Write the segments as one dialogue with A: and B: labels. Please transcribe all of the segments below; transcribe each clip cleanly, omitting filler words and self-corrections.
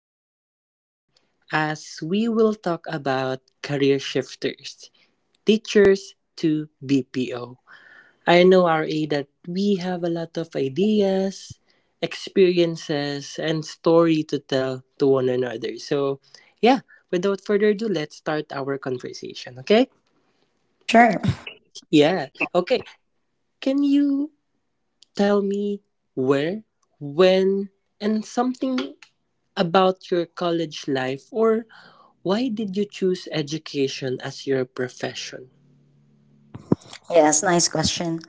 A: joining me as we will talk about career shifters, teachers to BPO. I know, RA, that we have a lot of ideas, experiences, and story to tell to one another. Yeah, without further ado, let's start our conversation, okay?
B: Sure.
A: Yeah, okay. Can you tell me where, when, and something about your college life? Or why did you choose education as your profession?
B: Yes, nice question.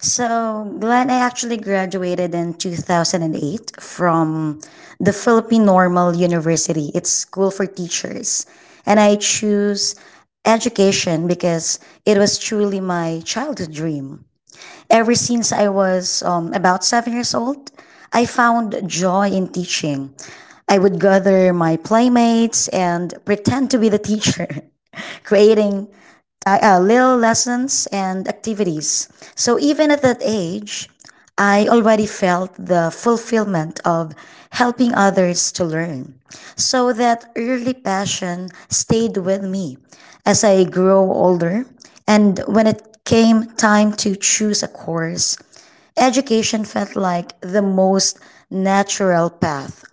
B: So, Glenn, I actually graduated in 2008 from the Philippine Normal University. It's school for teachers. And I choose education because it was truly my childhood dream. Ever since I was about 7 years old, I found joy in teaching. I would gather my playmates and pretend to be the teacher. Creating little lessons and activities. So even at that age, I already felt the fulfillment of helping others to learn. So that early passion stayed with me as I grew older. And when it came time to choose a course, education felt like the most natural path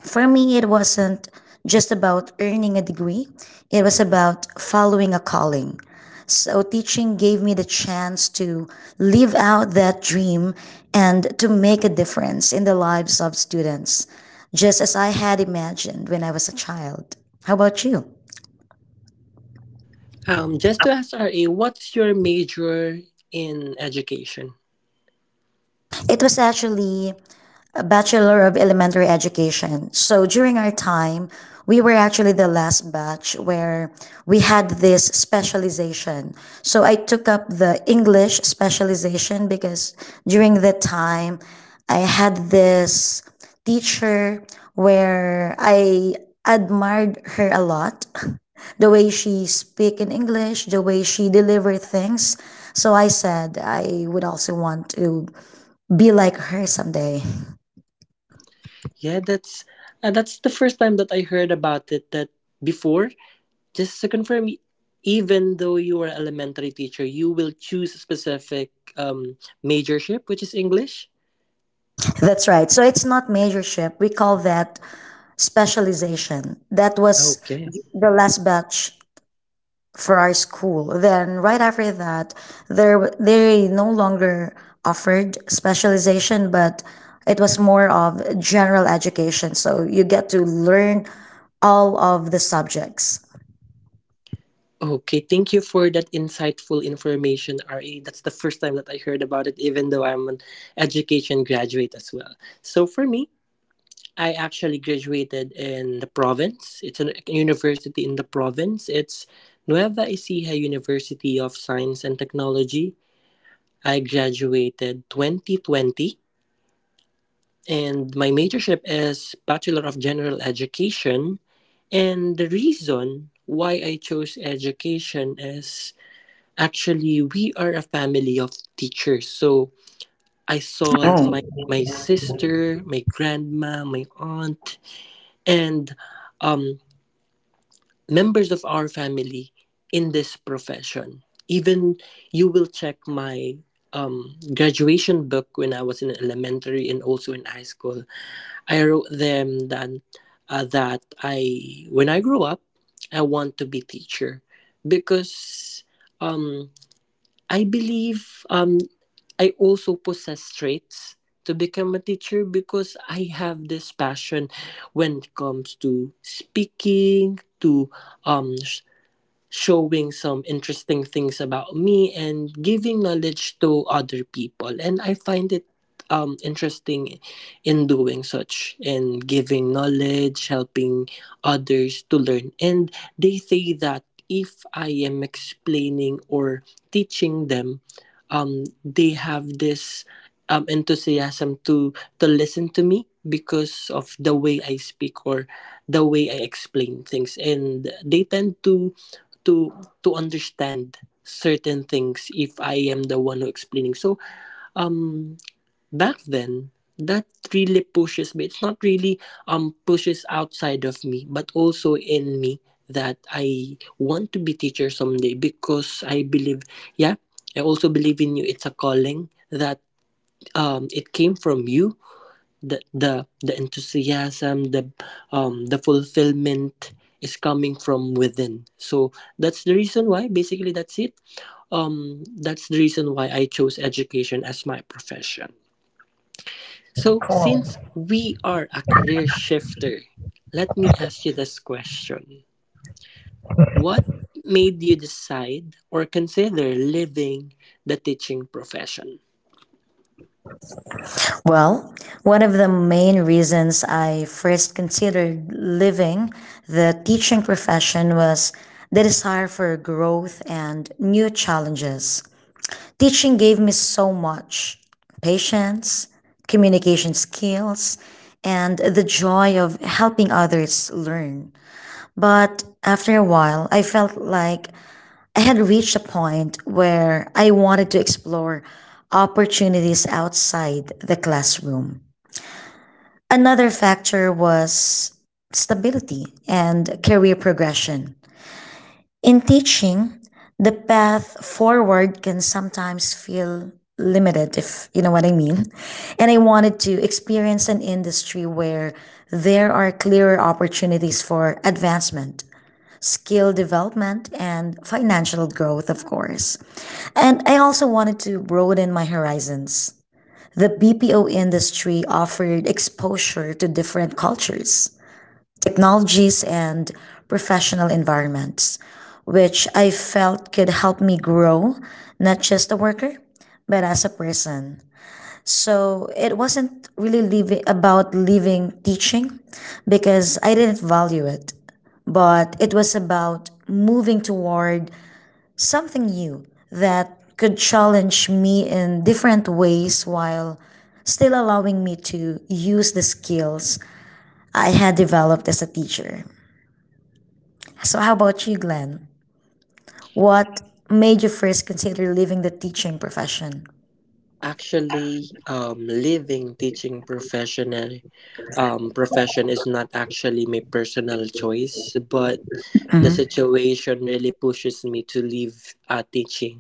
B: for me. It wasn't just about earning a degree, it was about following a calling. So, teaching gave me the chance to live out that dream and to make a difference in the lives of students, just as I had imagined when I was a child. How about you?
A: Just to ask RA, what's your major in education?
B: It was actually a Bachelor of Elementary Education. So during our time, we were actually the last batch where we had this specialization. So I took up the English specialization because during that time, I had this teacher where I admired her a lot. The way she speak in English, the way she deliver things. So I said I would also want to be like her someday.
A: Yeah, that's that's the first time that I heard about it. That before, just to confirm, even though you are elementary teacher, you will choose a specific majorship, which is English.
B: That's right. So it's not majorship. We call that specialization. That was
A: Okay.
B: the last batch for our school. Then right after that, there they no longer offered specialization, but it was more of general education. So you get to learn all of the subjects.
A: Okay, thank you for that insightful information, RA. That's the first time that I heard about it, even though I'm an education graduate as well. So for me, I actually graduated in the province. It's a university in the province. It's Nueva Ecija University of Science and Technology. I graduated 2020 and my majorship is Bachelor of General Education. And the reason why I chose education is, actually, we are a family of teachers. So I saw my sister, my grandma, my aunt, and um, members of our family in this profession. Even you will check my graduation book when I was in elementary and also in high school. I wrote them that that I when I grow up, I want to be teacher because um, I believe. I also possess traits to become a teacher because I have this passion when it comes to speaking, to um sh- showing some interesting things about me and giving knowledge to other people, and I find it interesting in doing such, and giving knowledge, helping others to learn. And they say that if I am explaining or teaching them, they have this enthusiasm to listen to me because of the way I speak or the way I explain things, and they tend to to understand certain things if I am the one who explaining. So um back then that really pushes me. It's not really pushes outside of me, but also in me, that I want to be teacher someday because I believe, yeah, I also believe in you. It's a calling that it came from you. The enthusiasm, the fulfillment is coming from within. So that's the reason why, basically, that's it. That's the reason why I chose education as my profession. So since we are a career shifter, let me ask you this question: what made you decide or consider leaving the teaching profession?
B: Well, one of the main reasons I first considered leaving the teaching profession was the desire for growth and new challenges. Teaching gave me so much patience, communication skills, and the joy of helping others learn. But after a while, I felt like I had reached a point where I wanted to explore opportunities outside the classroom. Another factor was stability and career progression. In teaching, the path forward can sometimes feel limited, if you know what I mean. And I wanted to experience an industry where there are clearer opportunities for advancement, skill development, and financial growth, of course. And I also wanted to broaden my horizons. The BPO industry offered exposure to different cultures, technologies and professional environments, which I felt could help me grow, not just a worker, but as a person. So it wasn't really leaving, about leaving teaching because I didn't value it, but it was about moving toward something new that could challenge me in different ways while still allowing me to use the skills I had developed as a teacher. So, how about you, Glenn? What made you first consider leaving the teaching profession?
A: Actually, leaving teaching profession is not actually my personal choice, but the situation really pushes me to leave teaching.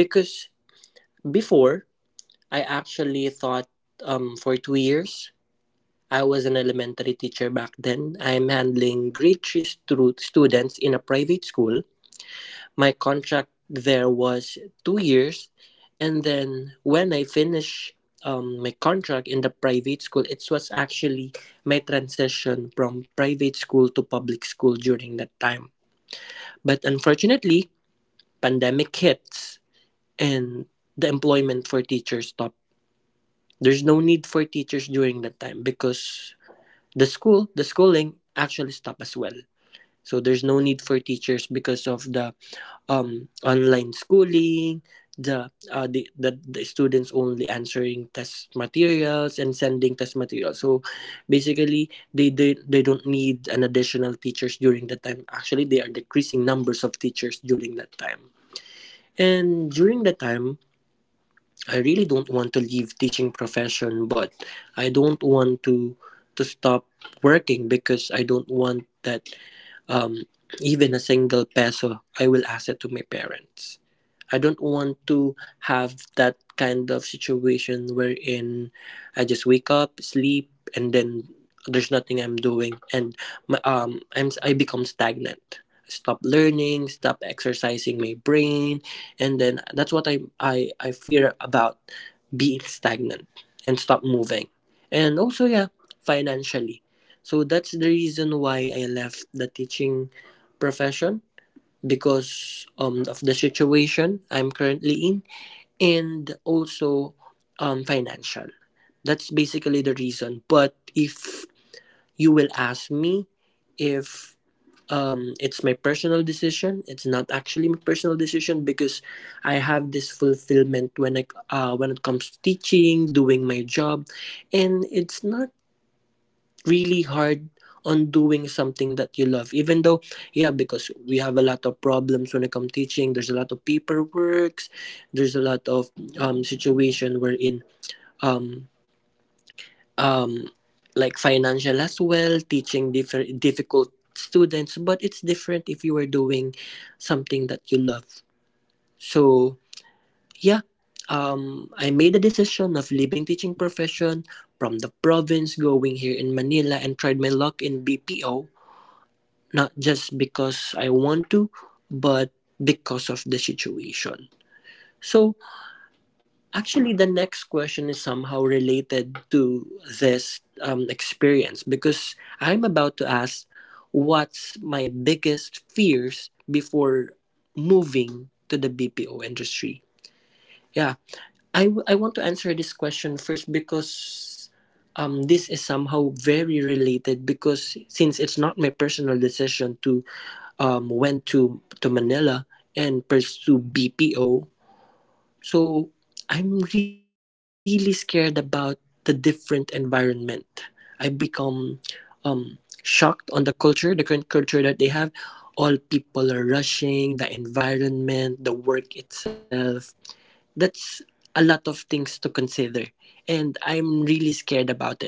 A: Because before, I actually thought, for 2 years, I was an elementary teacher back then. I'm handling grade three students in a private school. My contract there was 2 years, and then when I finish my contract in the private school, it was actually my transition from private school to public school during that time. But unfortunately, pandemic hits and the employment for teachers stopped. There's no need for teachers during that time because the school, the schooling actually stopped as well. So there's no need for teachers because of the online schooling. The, the students only answering test materials and sending test materials. So basically, they don't need an additional teachers during that time. Actually, they are decreasing numbers of teachers during that time. And during that time, I really don't want to leave teaching profession, but I don't want to stop working because I don't want that, um, even a single peso, I will ask it to my parents. I don't want to have that kind of situation wherein I just wake up, sleep, and then there's nothing I'm doing, and my, I'm I become stagnant. Stop learning, stop exercising my brain, and then that's what I fear about, being stagnant and stop moving. And also, yeah, financially. So that's the reason why I left the teaching profession because, of the situation I'm currently in, and also financial. That's basically the reason. But if you will ask me if, it's my personal decision, it's not actually my personal decision because I have this fulfillment when when it comes to teaching, doing my job, and it's not really hard on doing something that you love. Even though, yeah, because we have a lot of problems when it comes to teaching, there's a lot of paperwork, there's a lot of situation wherein, um um like financial as well, teaching different difficult students. But it's different if you are doing something that you love. So yeah, I made a decision of leaving teaching profession, from the province going here in Manila and tried my luck in BPO, not just because I want to, but because of the situation. So, actually, the next question is somehow related to this experience because I'm about to ask what's my biggest fears before moving to the BPO industry. Yeah, I want to answer this question first because, this is somehow very related because since it's not my personal decision to to Manila and pursue BPO, so I'm really scared about the different environment. I become, um, shocked on the culture, the current culture that they have. All people are rushing, the environment, the work itself. That's a lot of things to consider, and I'm really scared about it.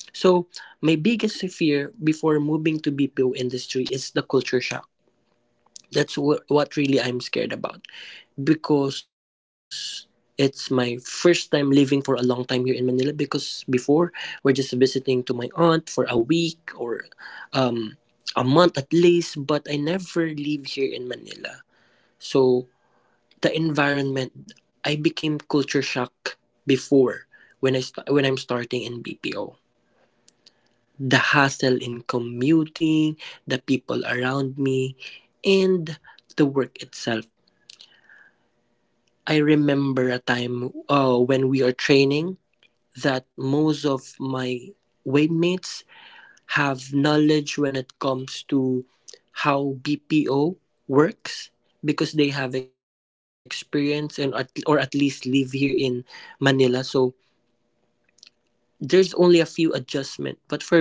A: So my biggest fear before moving to BPO industry is the culture shock. What really I'm scared about. Because it's my first time living for a long time here in Manila. Because before, we're just visiting to my aunt for a week or, um, a month at least, but I never live here in Manila. So the environment. I became culture shock before when I'm starting in BPO. The hassle in commuting, the people around me, and the work itself. I remember a time when we are training, that most of my waymates have knowledge when it comes to how BPO works because they have experience and at, or at least live here in Manila. So there's only a few adjustment, but for me,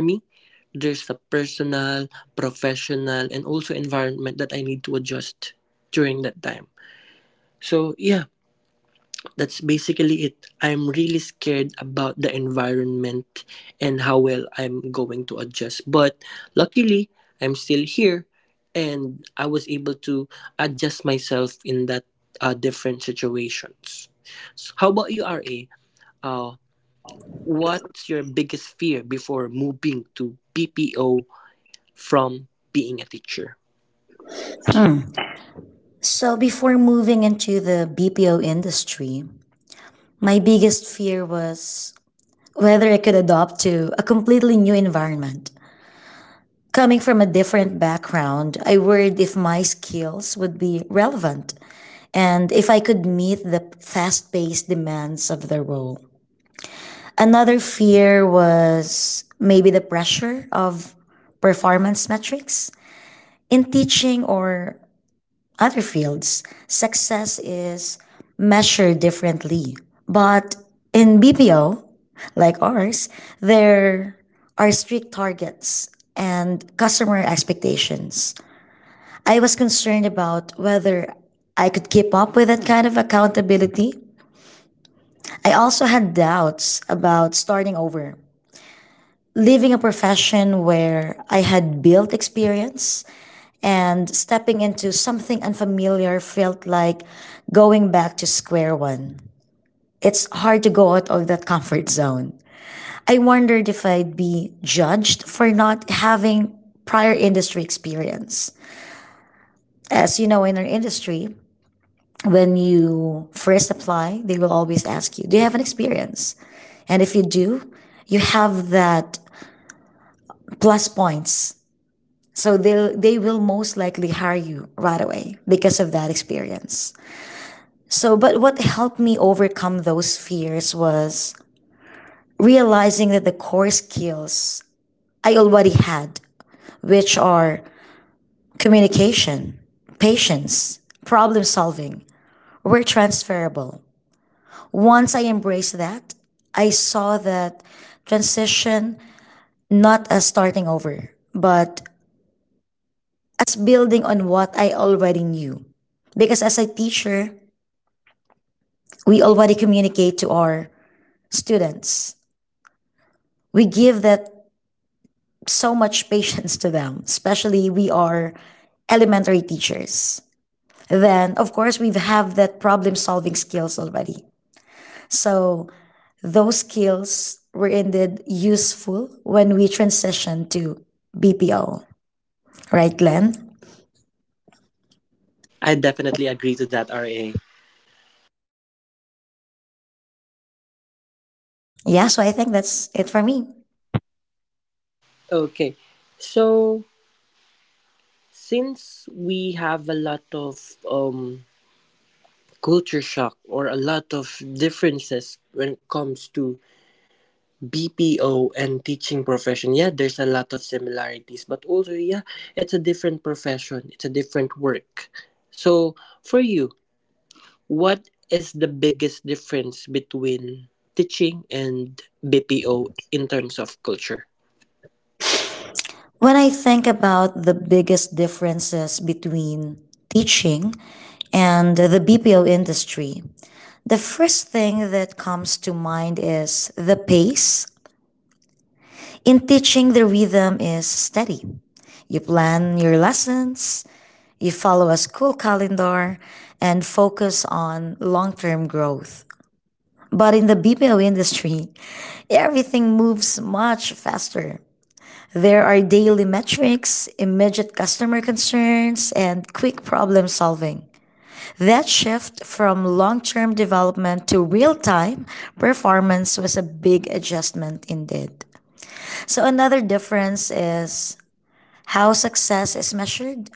A: there's a personal, professional, and also environment that I need to adjust during that time. So yeah, that's basically it. I'm really scared about the environment and how well I'm going to adjust. But luckily, I'm still here, and I was able to adjust myself in that different situations. So how about you, RA? Uh, What's your biggest fear before moving to BPO from being a teacher?
B: Mm-hmm. So, before moving into the BPO industry, my biggest fear was whether I could adapt to a completely new environment. Coming from a different background, I worried if my skills would be relevant and if I could meet the fast paced demands of the role. Another fear was maybe the pressure of performance metrics. In teaching or other fields, success is measured differently. But in BPO, like ours, there are strict targets and customer expectations. I was concerned about whether I could keep up with that kind of accountability. I also had doubts about starting over leaving a profession where I had built experience and stepping into something unfamiliar felt like going back to square one. It's hard to go out of that comfort zone. I wondered if I'd be judged for not having prior industry experience. As you know, in our industry, when you first apply, they will always ask you, do you have an experience? And if you do, you have that plus points. So they will most likely hire you right away because of that experience. So but what helped me overcome those fears was realizing that the core skills I already had, which are communication, patience, problem solving, were transferable. Once I embraced that, I saw that transition not as starting over, but as building on what I already knew. Because as a teacher, we already communicate to our students. We give that so much patience to them, especially we are elementary teachers. Then, of course, we have that problem solving skills already. So, those skills were indeed useful when we transitioned to BPO. Right, Glenn?
A: I definitely agree to that, RA.
B: Yeah, so I think that's it for me.
A: Okay. So, since we have a lot of culture shock or a lot of differences when it comes to BPO and teaching profession, yeah, there's a lot of similarities, but also, yeah, it's a different profession, it's a different work. So, for you, what is the biggest difference between teaching and BPO in terms of culture?
B: When I think about the biggest differences between teaching and the BPO industry, the first thing that comes to mind is the pace. In teaching, the rhythm is steady. You plan your lessons, you follow a school calendar, and focus on long term growth. But in the BPO industry, everything moves much faster. There are daily metrics, immediate customer concerns, and quick problem solving. That shift from long term development to real time performance was a big adjustment indeed. So, another difference is how success is measured.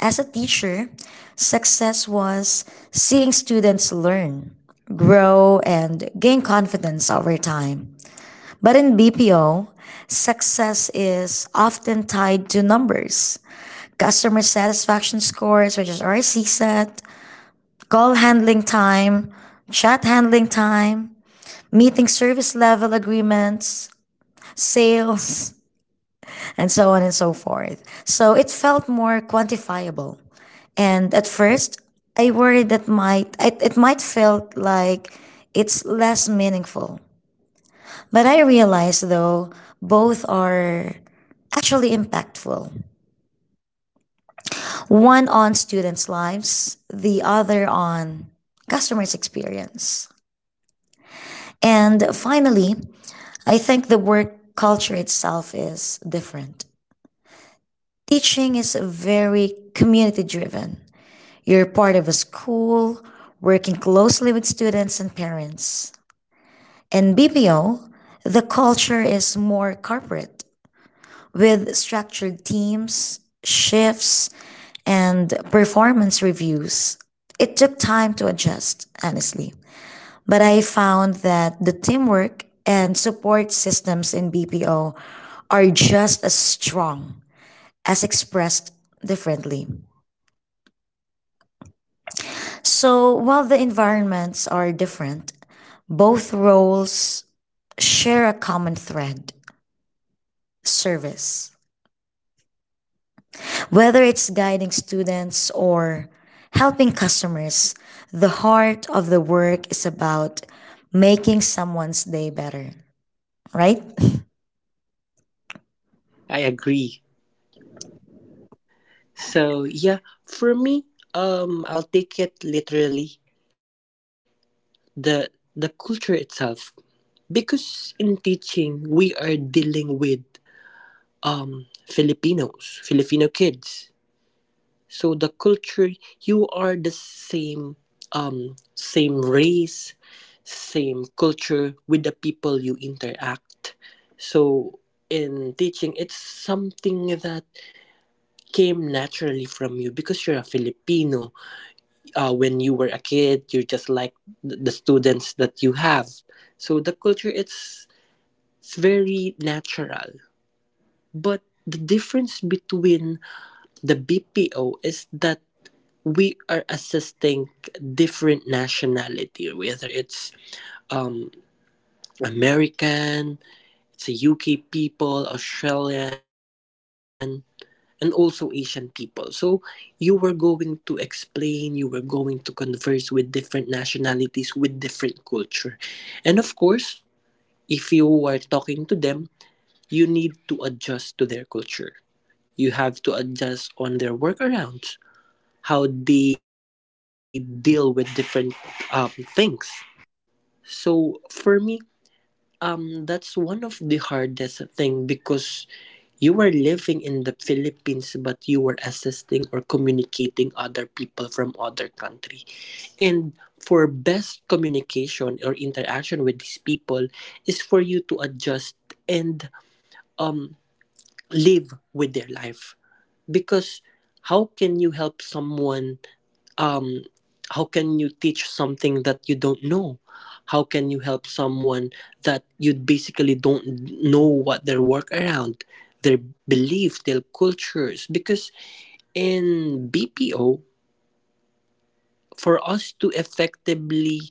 B: As a teacher, success was seeing students learn, grow, and gain confidence over time. But in BPO, success is often tied to numbers. Customer satisfaction scores, which is RC set, call handling time, chat handling time, meeting service level agreements, sales, and so on and so forth. So it felt more quantifiable. And at first, I worried that it might feel like it's less meaningful. But I realized though both are actually impactful. One on students' lives, the other on customers' experience. And finally, I think the work culture itself is different. Teaching is very community driven. You're part of a school, working closely with students and parents. In BPO, the culture is more corporate, with structured teams, shifts, and performance reviews. It took time to adjust, honestly. But I found that the teamwork and support systems in BPO are just as strong as expressed differently. So while the environments are different, both roles share a common thread service. Whether it's guiding students or helping customers, the heart of the work is about making someone's day better, right?
A: I agree. So yeah, for me, I'll take it literally, the the culture itself, because in teaching we are dealing with Filipinos, Filipino kids. So the culture, you are the same, same race, same culture with the people you interact. So in teaching it's something that came naturally from you because you're a Filipino. When you were a kid, you're just like the students that you have. So the culture, it's very natural. But the difference between the BPO is that we are assisting different nationality, whether it's um American, it's a UK people, Australian, and also Asian people. So you were going to explain, you were going to converse with different nationalities with different culture. And of course, if you are talking to them, you need to adjust to their culture, you have to adjust on their workarounds, how they deal with different um, things. So for me, that's one of the hardest thing, because you are living in the Philippines, but you are assisting or communicating other people from other country. And for best communication or interaction with these people is for you to adjust and, um, live with their life. Because how can you help someone, um, how can you teach something that you don't know? How can you help someone that you basically don't know what their work around, their belief, their cultures? Because in BPO, for us to effectively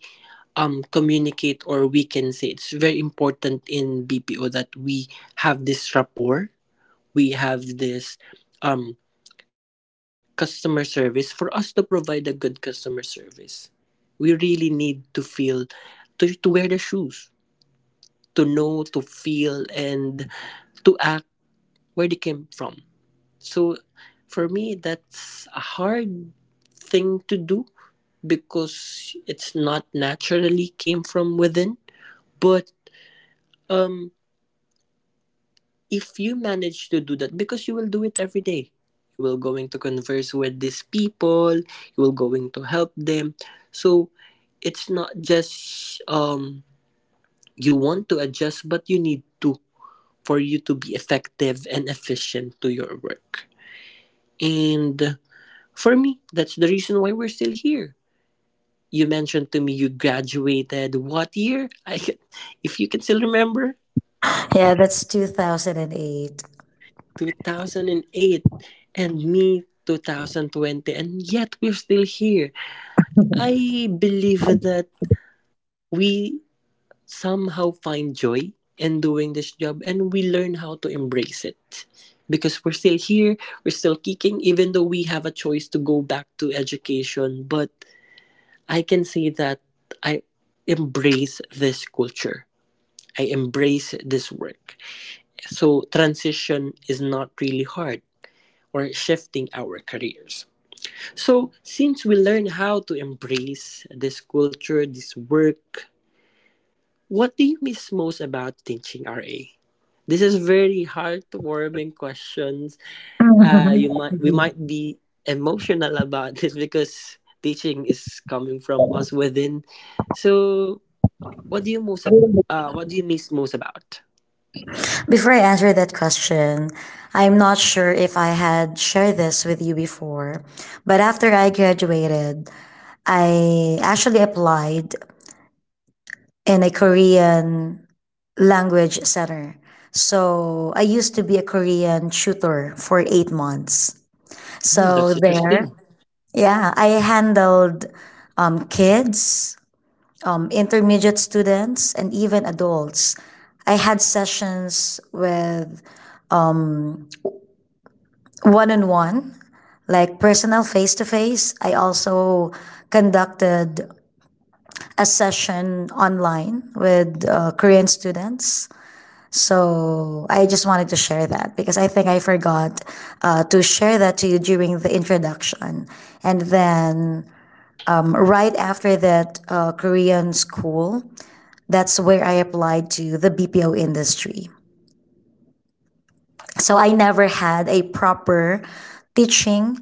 A: communicate, or we can say it's very important in BPO that we have this rapport, we have this um, customer service. For us to provide a good customer service we really need to feel, to wear their shoes, to know, to feel, and to act where they came from. So for me, that's a hard thing to do because it's not naturally came from within. But um if you manage to do that, because you will do it every day, you will going to converse with these people, you will going to help them. So it's not just you want to adjust, but you need to, for you to be effective and efficient to your work. And for me, that's the reason why we're still here. You mentioned to me you graduated what year? I if you can still remember,
B: Yeah, that's 2008.
A: 2008, and me 2020, and yet we're still here. I believe that we somehow find joy in doing this job, and we learn how to embrace it, because we're still here, we're still kicking, even though we have a choice to go back to education. But I can say that I embrace this culture, I embrace this work, so transition is not really hard, or shifting our careers. So since we learn how to embrace this culture, this work. What do you miss most about teaching, RA? This is very heartwarming questions. You might We might be emotional about this because teaching is coming from us within. So, what do you what do you miss most about?
B: Before I answer that question, I'm not sure if I had shared this with you before, but after I graduated, I actually applied in a Korean language center. So I used to be a Korean tutor for 8 months.
A: Hmm, that's
B: So there,
A: interesting.
B: yeah, I handled kids, intermediate students, and even adults. I had sessions with one on one like personal face to face. I also conducted a session online with Korean students. So I just wanted to share that because I think I forgot to share that to you during the introduction. And then right after that Korean school, that's where I applied to the BPO industry. So I never had a proper teaching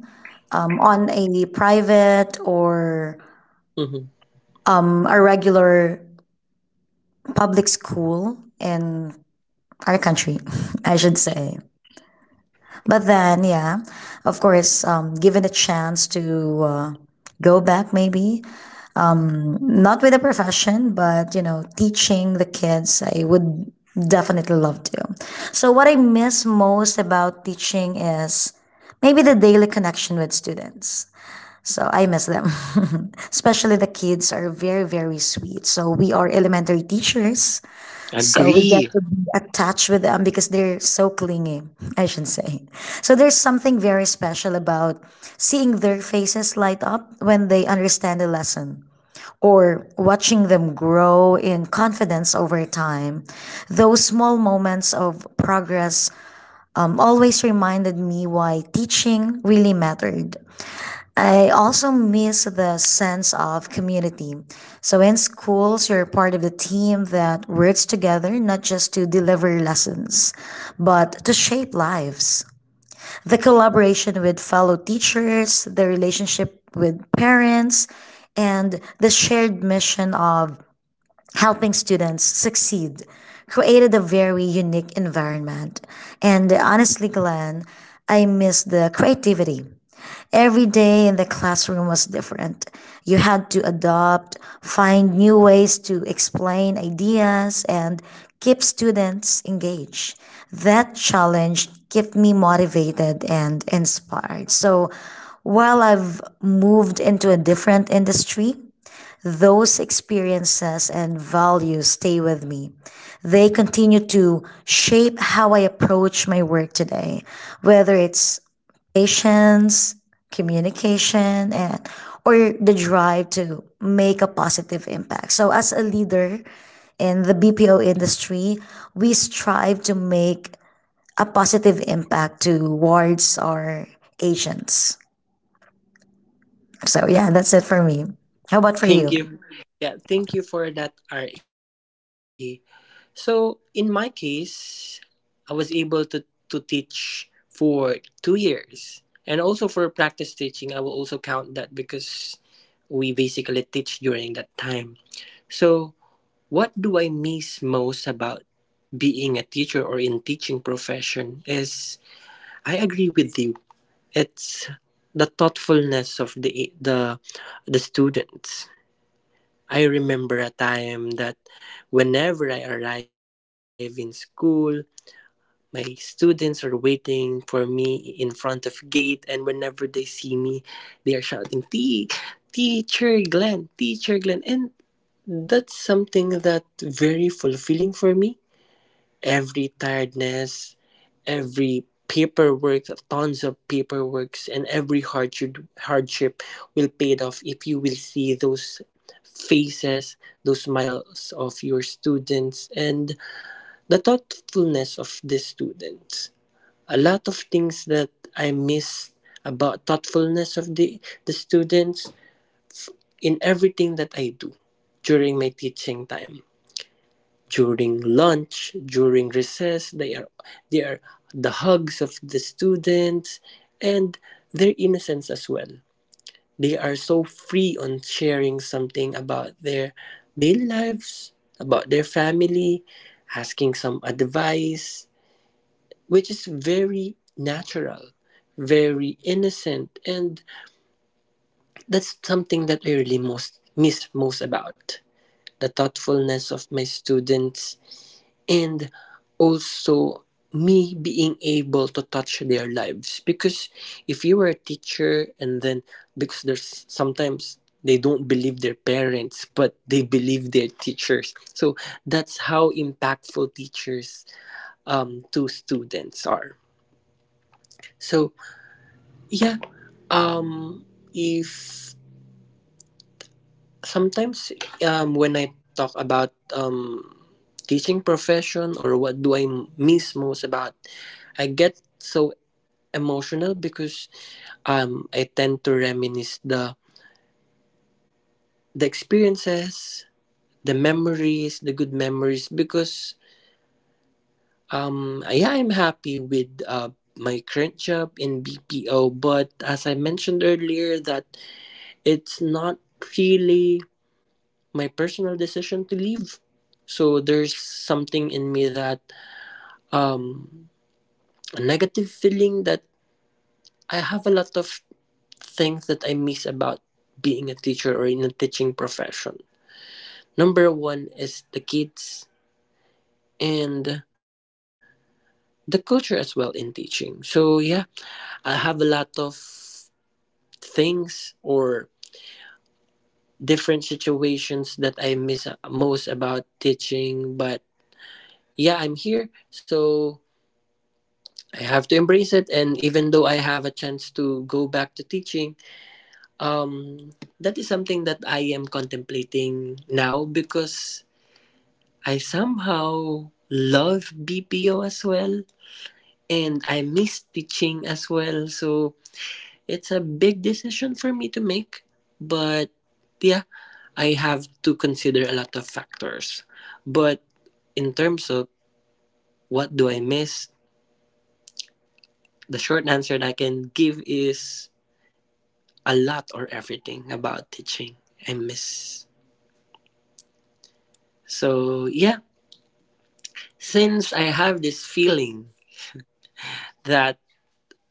B: on a private or
A: Hmm.
B: a regular public school in our country, I should say. But then, yeah, of course, given a chance to go back, maybe not with a profession, but you know, teaching the kids, I would definitely love to. So, what I miss most about teaching is maybe the daily connection with students. So I miss them. Especially the kids are very, very sweet. So we are elementary teachers. So we get
A: Agree.
B: to be attached with them because they're so clingy, I should say. So there's something very special about seeing their faces light up when they understand a lesson or watching them grow in confidence over time. Those small moments of progress always reminded me why teaching really mattered. I also miss the sense of community. So in schools, you're part of the team that works together, not just to deliver lessons, but to shape lives. The collaboration with fellow teachers, the relationship with parents, and the shared mission of helping students succeed created a very unique environment. And honestly, Glenn, I miss the creativity. Every day in the classroom was different. You had to adopt, find new ways to explain ideas, and keep students engaged. That challenge kept me motivated and inspired. So while I've moved into a different industry, those experiences and values stay with me. They continue to shape how I approach my work today, whether it's patience, communication, and or the drive to make a positive impact. So as a leader in the BPO industry, we strive to make a positive impact towards our agents. So yeah, that's it for me. How about for you?
A: Thank you. Yeah, thank you for that, RA. So in my case, I was able to teach for 2 years. And also for practice teaching, I will also count that because we basically teach during that time. So what do I miss most about being a teacher or in teaching profession is, I agree with you. It's the thoughtfulness of the the students. I remember a time that whenever I arrive in school, my students are waiting for me in front of gate, and whenever they see me they are shouting, Teacher Glenn, teacher Glenn," and that's something that very fulfilling for me. Every tiredness, every paperwork, tons of paperworks, and every hardship will paid off if you will see those faces, those smiles of your students, and the thoughtfulness of the students. A lot of things that I miss about thoughtfulness of the students in everything that I do during my teaching time. During lunch, during recess, they are the hugs of the students, and their innocence as well. They are so free on sharing something about their daily lives, about their family, asking some advice, which is very natural, very innocent, and that's something that I really most miss most about, the thoughtfulness of my students, and also me being able to touch their lives. Because if you were a teacher, and then because there's sometimes they don't believe their parents but they believe their teachers, so that's how impactful teachers to students are. So yeah. Um, if sometimes when I talk about teaching profession or what do I miss most about, I get so emotional because I tend to reminisce the experiences, the memories, the good memories. Because yeah, I'm happy with my current job in BPO, but as I mentioned earlier, that it's not really my personal decision to leave. So there's something in me that um, a negative feeling, that I have a lot of things that I miss about being a teacher or in a teaching profession. Number one is the kids, and the culture as well in teaching. So yeah, I have a lot of things or different situations that I miss most about teaching, but yeah, I'm here. So I have to embrace it. And even though I have a chance to go back to teaching, um, that is something that I am contemplating now, because I somehow love BPO as well, and I miss teaching as well. So it's a big decision for me to make. But yeah, I have to consider a lot of factors. But in terms of what do I miss, the short answer that I can give is, a lot or everything about teaching, I miss. So yeah, since I have this feeling that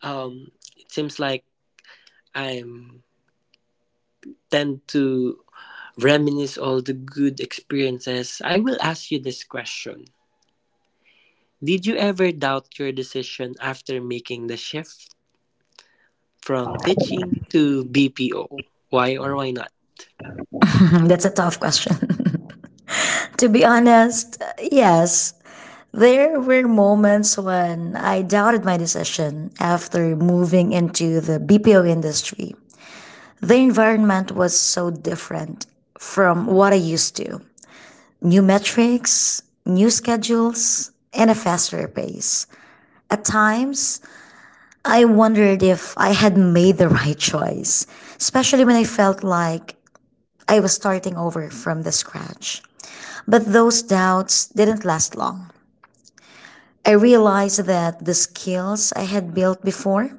A: um, it seems like I'm tend to reminisce all the good experiences, I will ask you this question. Did you ever doubt your decision after making the shift from teaching to BPO? Why or why not?
B: That's a tough question. To be honest, yes, there were moments when I doubted my decision after moving into the BPO industry. The environment was so different from what I used to. New metrics, new schedules, and a faster pace. At times, I wondered if I had made the right choice, especially when I felt like I was starting over from the scratch. But those doubts didn't last long. I realized that the skills I had built before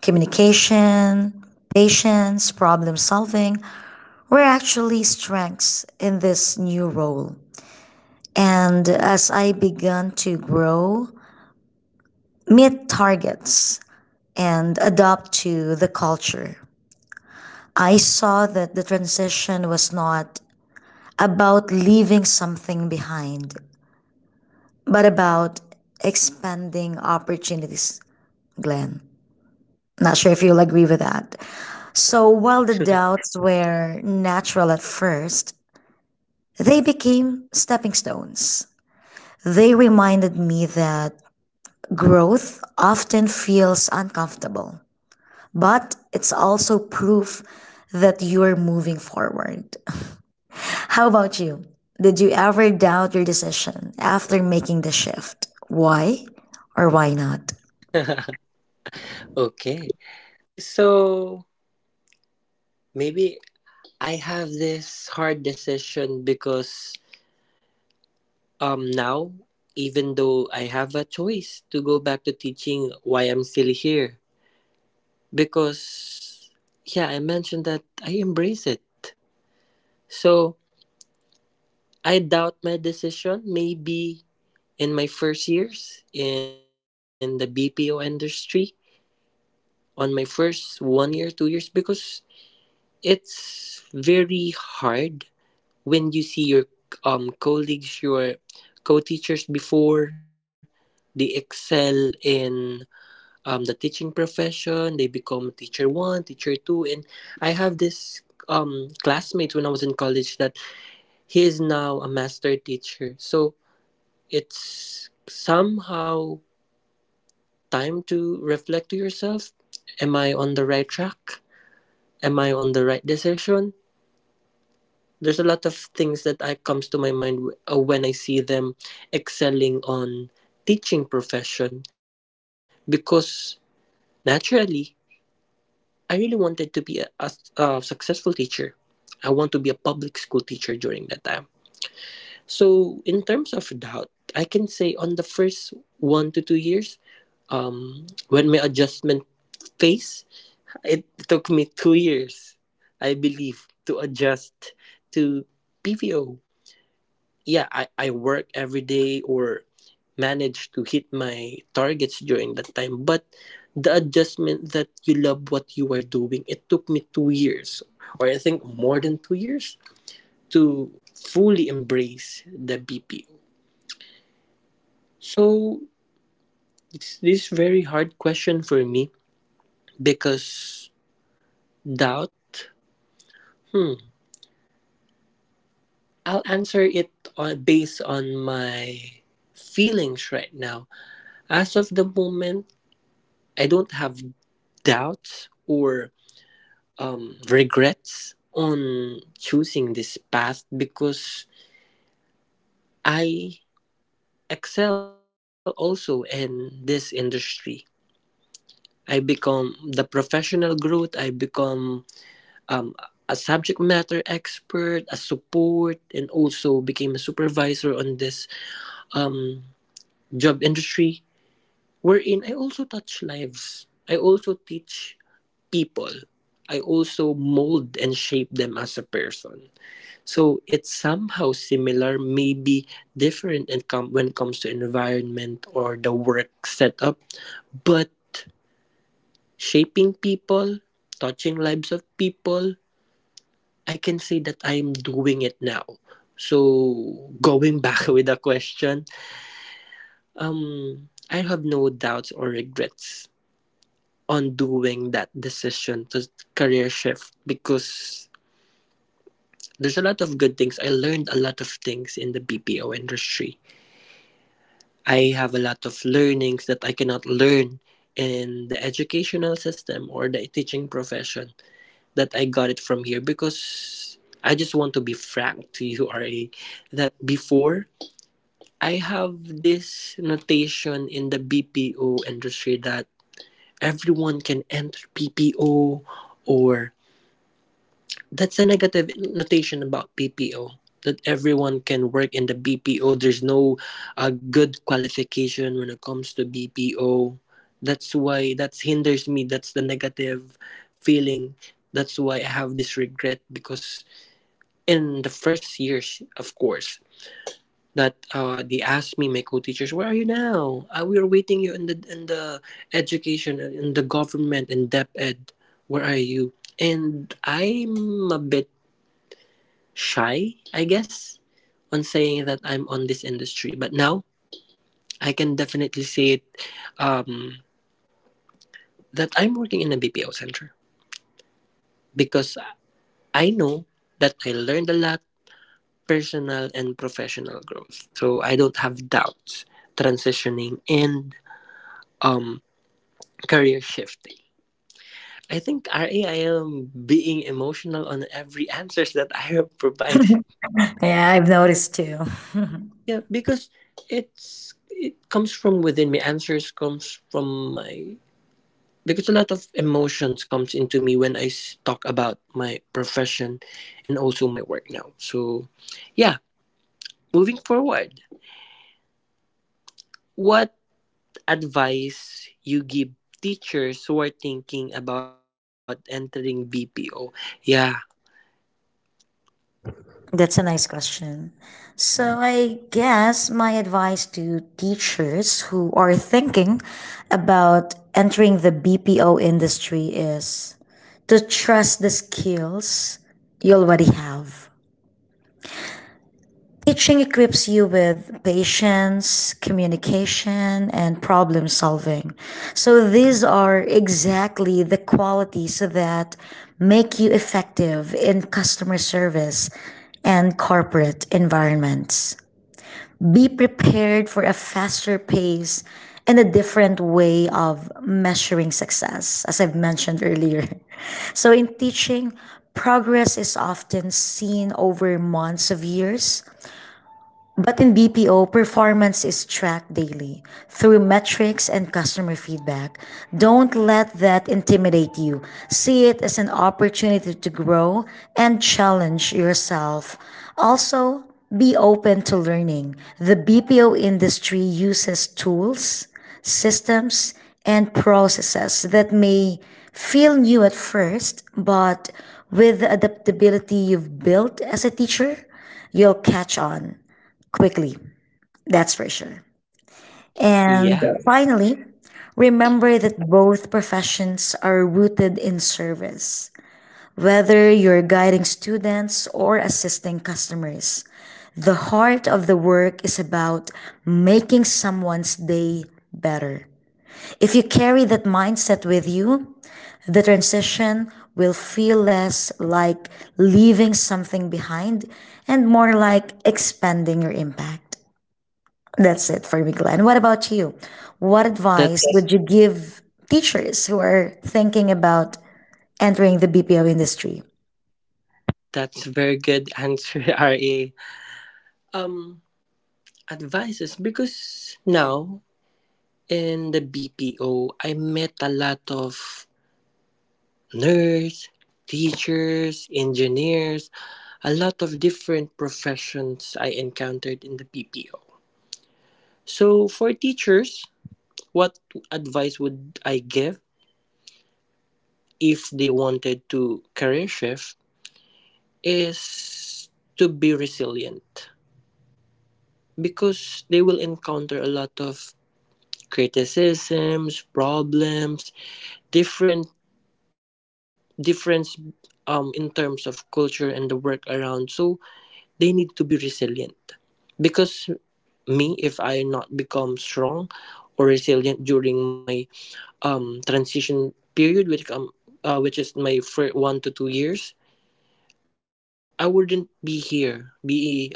B: communication, patience, problem solving were actually strengths in this new role. And as I began to grow, meet targets, and adapt to the culture, I saw that the transition was not about leaving something behind, but about expanding opportunities, Glenn. Not sure if you'll agree with that. So while the doubts were natural at first, they became stepping stones. They reminded me that growth often feels uncomfortable, but it's also proof that you're moving forward. How about you? Did you ever doubt your decision after making the shift? Why or why not?
A: Okay. So maybe I have this hard decision because, now, even though I have a choice to go back to teaching, why I'm still here? Because, yeah, I mentioned that I embrace it. So I doubt my decision maybe in my first years in the BPO industry, on my first 1 year, 2 years, because it's very hard when you see your colleagues, your co teachers before, they excel in the teaching profession. They become teacher one, teacher two, and I have this classmate when I was in college, that he is now a master teacher. So it's somehow time to reflect to yourself, am I on the right track, am I on the right decision? There's a lot of things that comes to my mind when I see them excelling on teaching profession, because naturally I really wanted to be a successful teacher. I want to be a public school teacher during that time. So, in terms of doubt, I can say on the first 1 to 2 years, when my adjustment phase, it took me 2 years, I believe, to adjust to PVO. Yeah, I work every day, or manage to hit my targets during that time. But the adjustment that you love what you are doing, it took me 2 years, or I think more than 2 years, to fully embrace the BPO. So it's this very hard question for me because, doubt, hmm, I'll answer it based on my feelings right now. As of the moment, I don't have doubts or regrets on choosing this path, because I excel also in this industry. I become the professional growth, I become um, a subject matter expert, a support, and also became a supervisor on this um, job industry, wherein I also touch lives. I also teach people. I also mold and shape them as a person. So it's somehow similar, maybe different in when it comes to environment or the work setup, but shaping people, touching lives of people, I can say that I am doing it now. So going back with the question, I have no doubts or regrets on doing that decision to career shift, because there's a lot of good things. I learned a lot of things in the BPO industry. I have a lot of learnings that I cannot learn in the educational system or the teaching profession, that I got it from here. Because I just want to be frank to you, RA, that before, I have this notation in the BPO industry, that everyone can enter PPO, or that's a negative notation about BPO. That everyone can work in the BPO. There's no good qualification when it comes to BPO. That's why that hinders me. That's the negative feeling. That's why I have this regret, because in the first years, of course, that they asked me, my co-teachers, "Where are you now? We are waiting you in the education, in the government, in depth ed. Where are you?" And I'm a bit shy, I guess, on saying that I'm on this industry. But now I can definitely say it um, that I'm working in a BPO center, because I know that I learned a lot, personal and professional growth. So I don't have doubts transitioning and um, career shifting. I think RA, I am being emotional on every answers that I have provided.
B: Yeah, I've noticed too.
A: Yeah, because it's, it comes from within me. Answers comes from my, because a lot of emotions comes into me when I talk about my profession and also my work now. So, yeah, moving forward, what advice you give teachers who are thinking about entering BPO? Yeah,
B: That's a nice question. So, I guess my advice to teachers who are thinking about entering the BPO industry is to trust the skills you already have. Teaching equips you with patience, communication, and problem solving. So, these are exactly the qualities that make you effective in customer service and corporate environments. Be prepared for a faster pace and a different way of measuring success, as I've mentioned earlier. So, in teaching, progress is often seen over months of years, but in BPO, performance is tracked daily through metrics and customer feedback. Don't let that intimidate you. See it as an opportunity to grow and challenge yourself. Also, be open to learning. The BPO industry uses tools, systems, and processes that may feel new at first, but with the adaptability you've built as a teacher, you'll catch on quickly, that's for sure. And
A: yeah,
B: finally, remember that both professions are rooted in service. Whether you're guiding students or assisting customers, the heart of the work is about making someone's day better. If you carry that mindset with you, the transition will feel less like leaving something behind and more like expanding your impact. That's it for me, Glenn. What about you? What advice
A: that's
B: would you give teachers who are thinking about entering the BPO industry?
A: that's very good answer, RA. Um, Advices, because now in the BPO, I met a lot of nurse, teachers, engineers, a lot of different professions I encountered in the PPO. So, for teachers, what advice would I give if they wanted to career shift is to be resilient, because they will encounter a lot of criticisms, problems, different difference in terms of culture and the work around. So, they need to be resilient, because me, if I not become strong or resilient during my transition period, which is my first 1 to 2 years. I wouldn't be here, be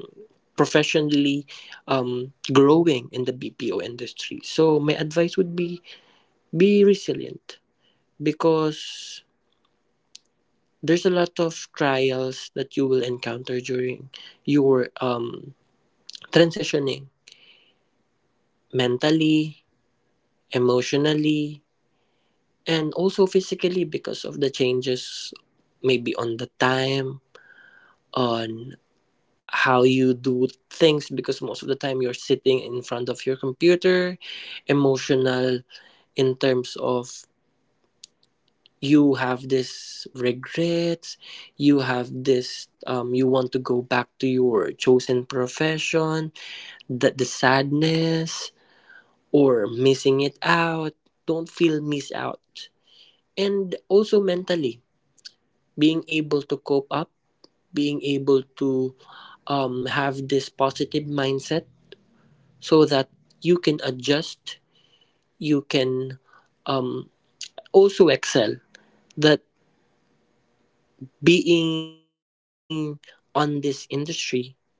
A: professionally growing in the BPO industry. So my advice would be resilient, because there's a lot of trials that you will encounter during your transitioning mentally, emotionally, and also physically because of the changes maybe on the time on how you do things, because most of the time you're sitting in front of your computer. Emotional in terms of you have this regrets, you have this you want to go back to your chosen profession, the sadness or missing it out. Don't feel miss out. And also mentally, being able to cope up, being able to have this positive mindset, so that you can adjust, you can um, also excel. That being on this industry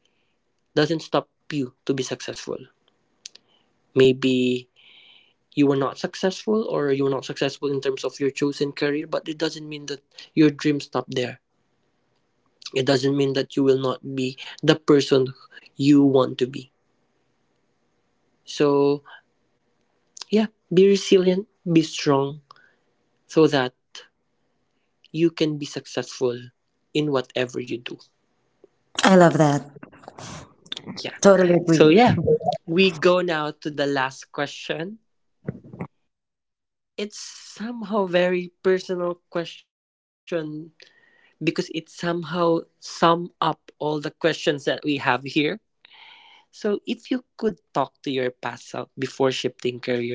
A: doesn't stop you to be successful. Maybe you were not successful, or you were not successful in terms of your chosen career, but it doesn't mean that your dreams stop there. It doesn't mean that you will not be the person you want to be. So, yeah, be resilient, be strong, so that you can be successful in whatever you do.
B: I love that.
A: Yeah.
B: Totally agree.
A: So, yeah, we go now to the last question. It's somehow very personal question, because it somehow sum up all the questions that we have here. So, if you could talk to your past self before shifting careers,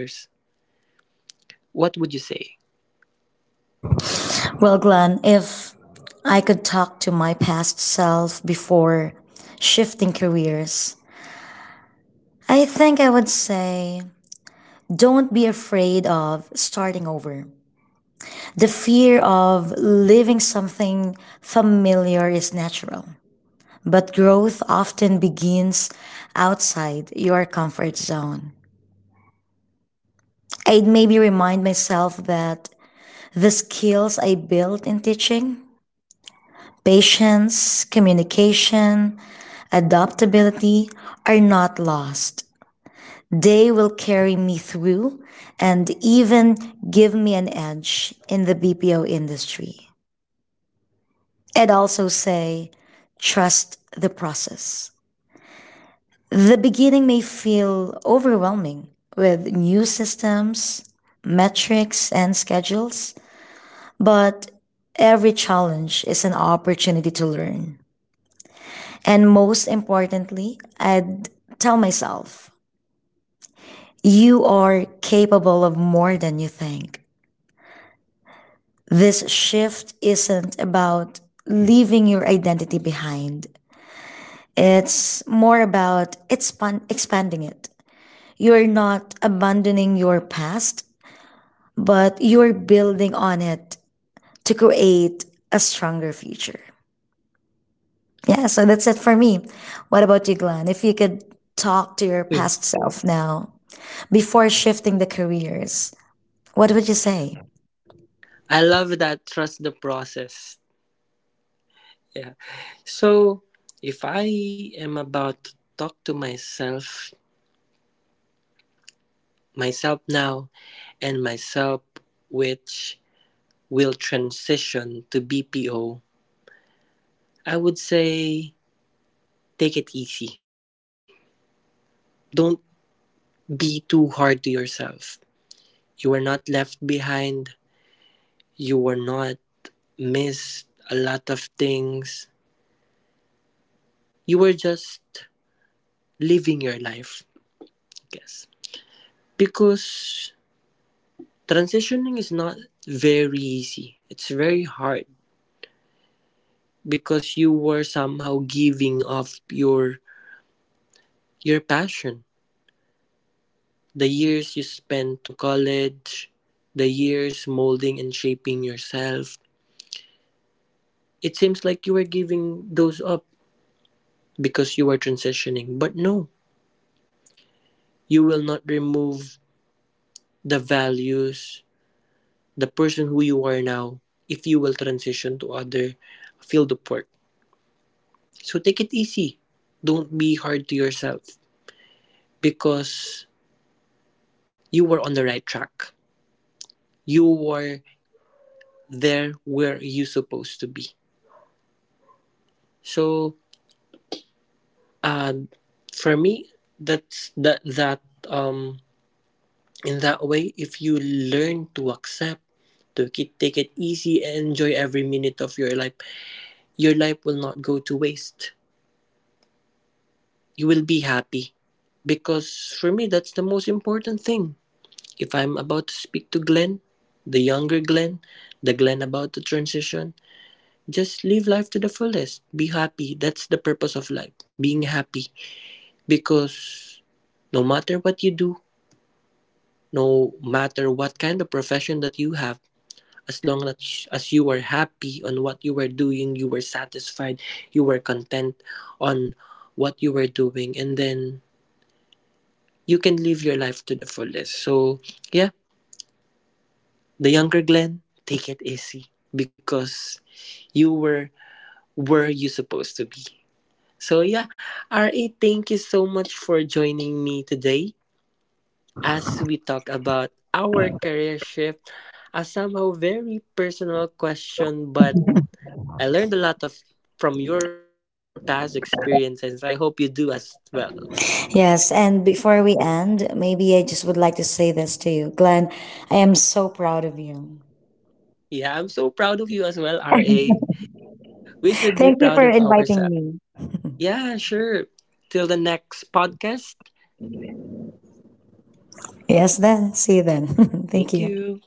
A: what would you say?
B: Well, Glenn, if I could talk to my past self before shifting careers, I think I would say don't be afraid of starting over. The fear of leaving something familiar is natural. But growth often begins outside your comfort zone. I'd maybe remind myself that the skills I built in teaching, patience, communication, adaptability, are not lost. They will carry me through and even give me an edge in the BPO industry. I'd also say, trust the process. The beginning may feel overwhelming with new systems, metrics, and schedules, but every challenge is an opportunity to learn. And most importantly, I'd tell myself, you are capable of more than you think. This shift isn't about leaving your identity behind. It's more about expanding it. You're not abandoning your past, but you're building on it to create a stronger future. Yeah, so that's it for me. What about you, Glenn? If you could talk to your
A: Hmm.
B: past self now before shifting the careers, what would you say?
A: I love that, trust the process. Yeah. So, if I am about to talk to myself, myself now, and myself which will transition to BPO, I would say take it easy. Don't be too hard to yourself. You are not left behind. You were not missed a lot of things. You were just living your life, I guess. Because transitioning is not very easy. It's very hard because you were somehow giving up your passion. The years you spent to college, the years molding and shaping yourself, it seems like you are giving those up because you are transitioning. But no, you will not remove the values, the person who you are now, if you will transition to other field of work. So take it easy. Don't be hard to yourself, because you were on the right track. You were there where you supposed to be. So Uh, for me, that's that um in that way, if you learn to accept, to take it easy and enjoy every minute of your life will not go to waste. You will be happy, because for me, that's the most important thing. If I'm about to speak to Glenn, the younger Glenn, the Glenn about to transition, just live life to the fullest. Be happy. That's the purpose of life. Being happy, because no matter what you do, no matter what kind of profession that you have, as long as, you were happy on what you were doing, you were satisfied, you were content on what you were doing, and then you can live your life to the fullest. So, yeah, the younger Glenn, take it easy, because you were where you supposed to be. So, yeah, RA, thank you so much for joining me today. As we talk about our career shift, a somehow very personal question, but I learned a lot of from your past experiences. I hope you do as well.
B: Yes, and before we end, maybe I just would like to say this to you. Glenn, I am so proud of you.
A: Yeah, I'm so proud of you as well, RA. We should be
B: Thank you
A: proud
B: for
A: of
B: inviting
A: ourselves.
B: me.
A: Yeah, sure. Till the next podcast.
B: Yes, then. See you then. Thank
A: Thank
B: you.
A: you.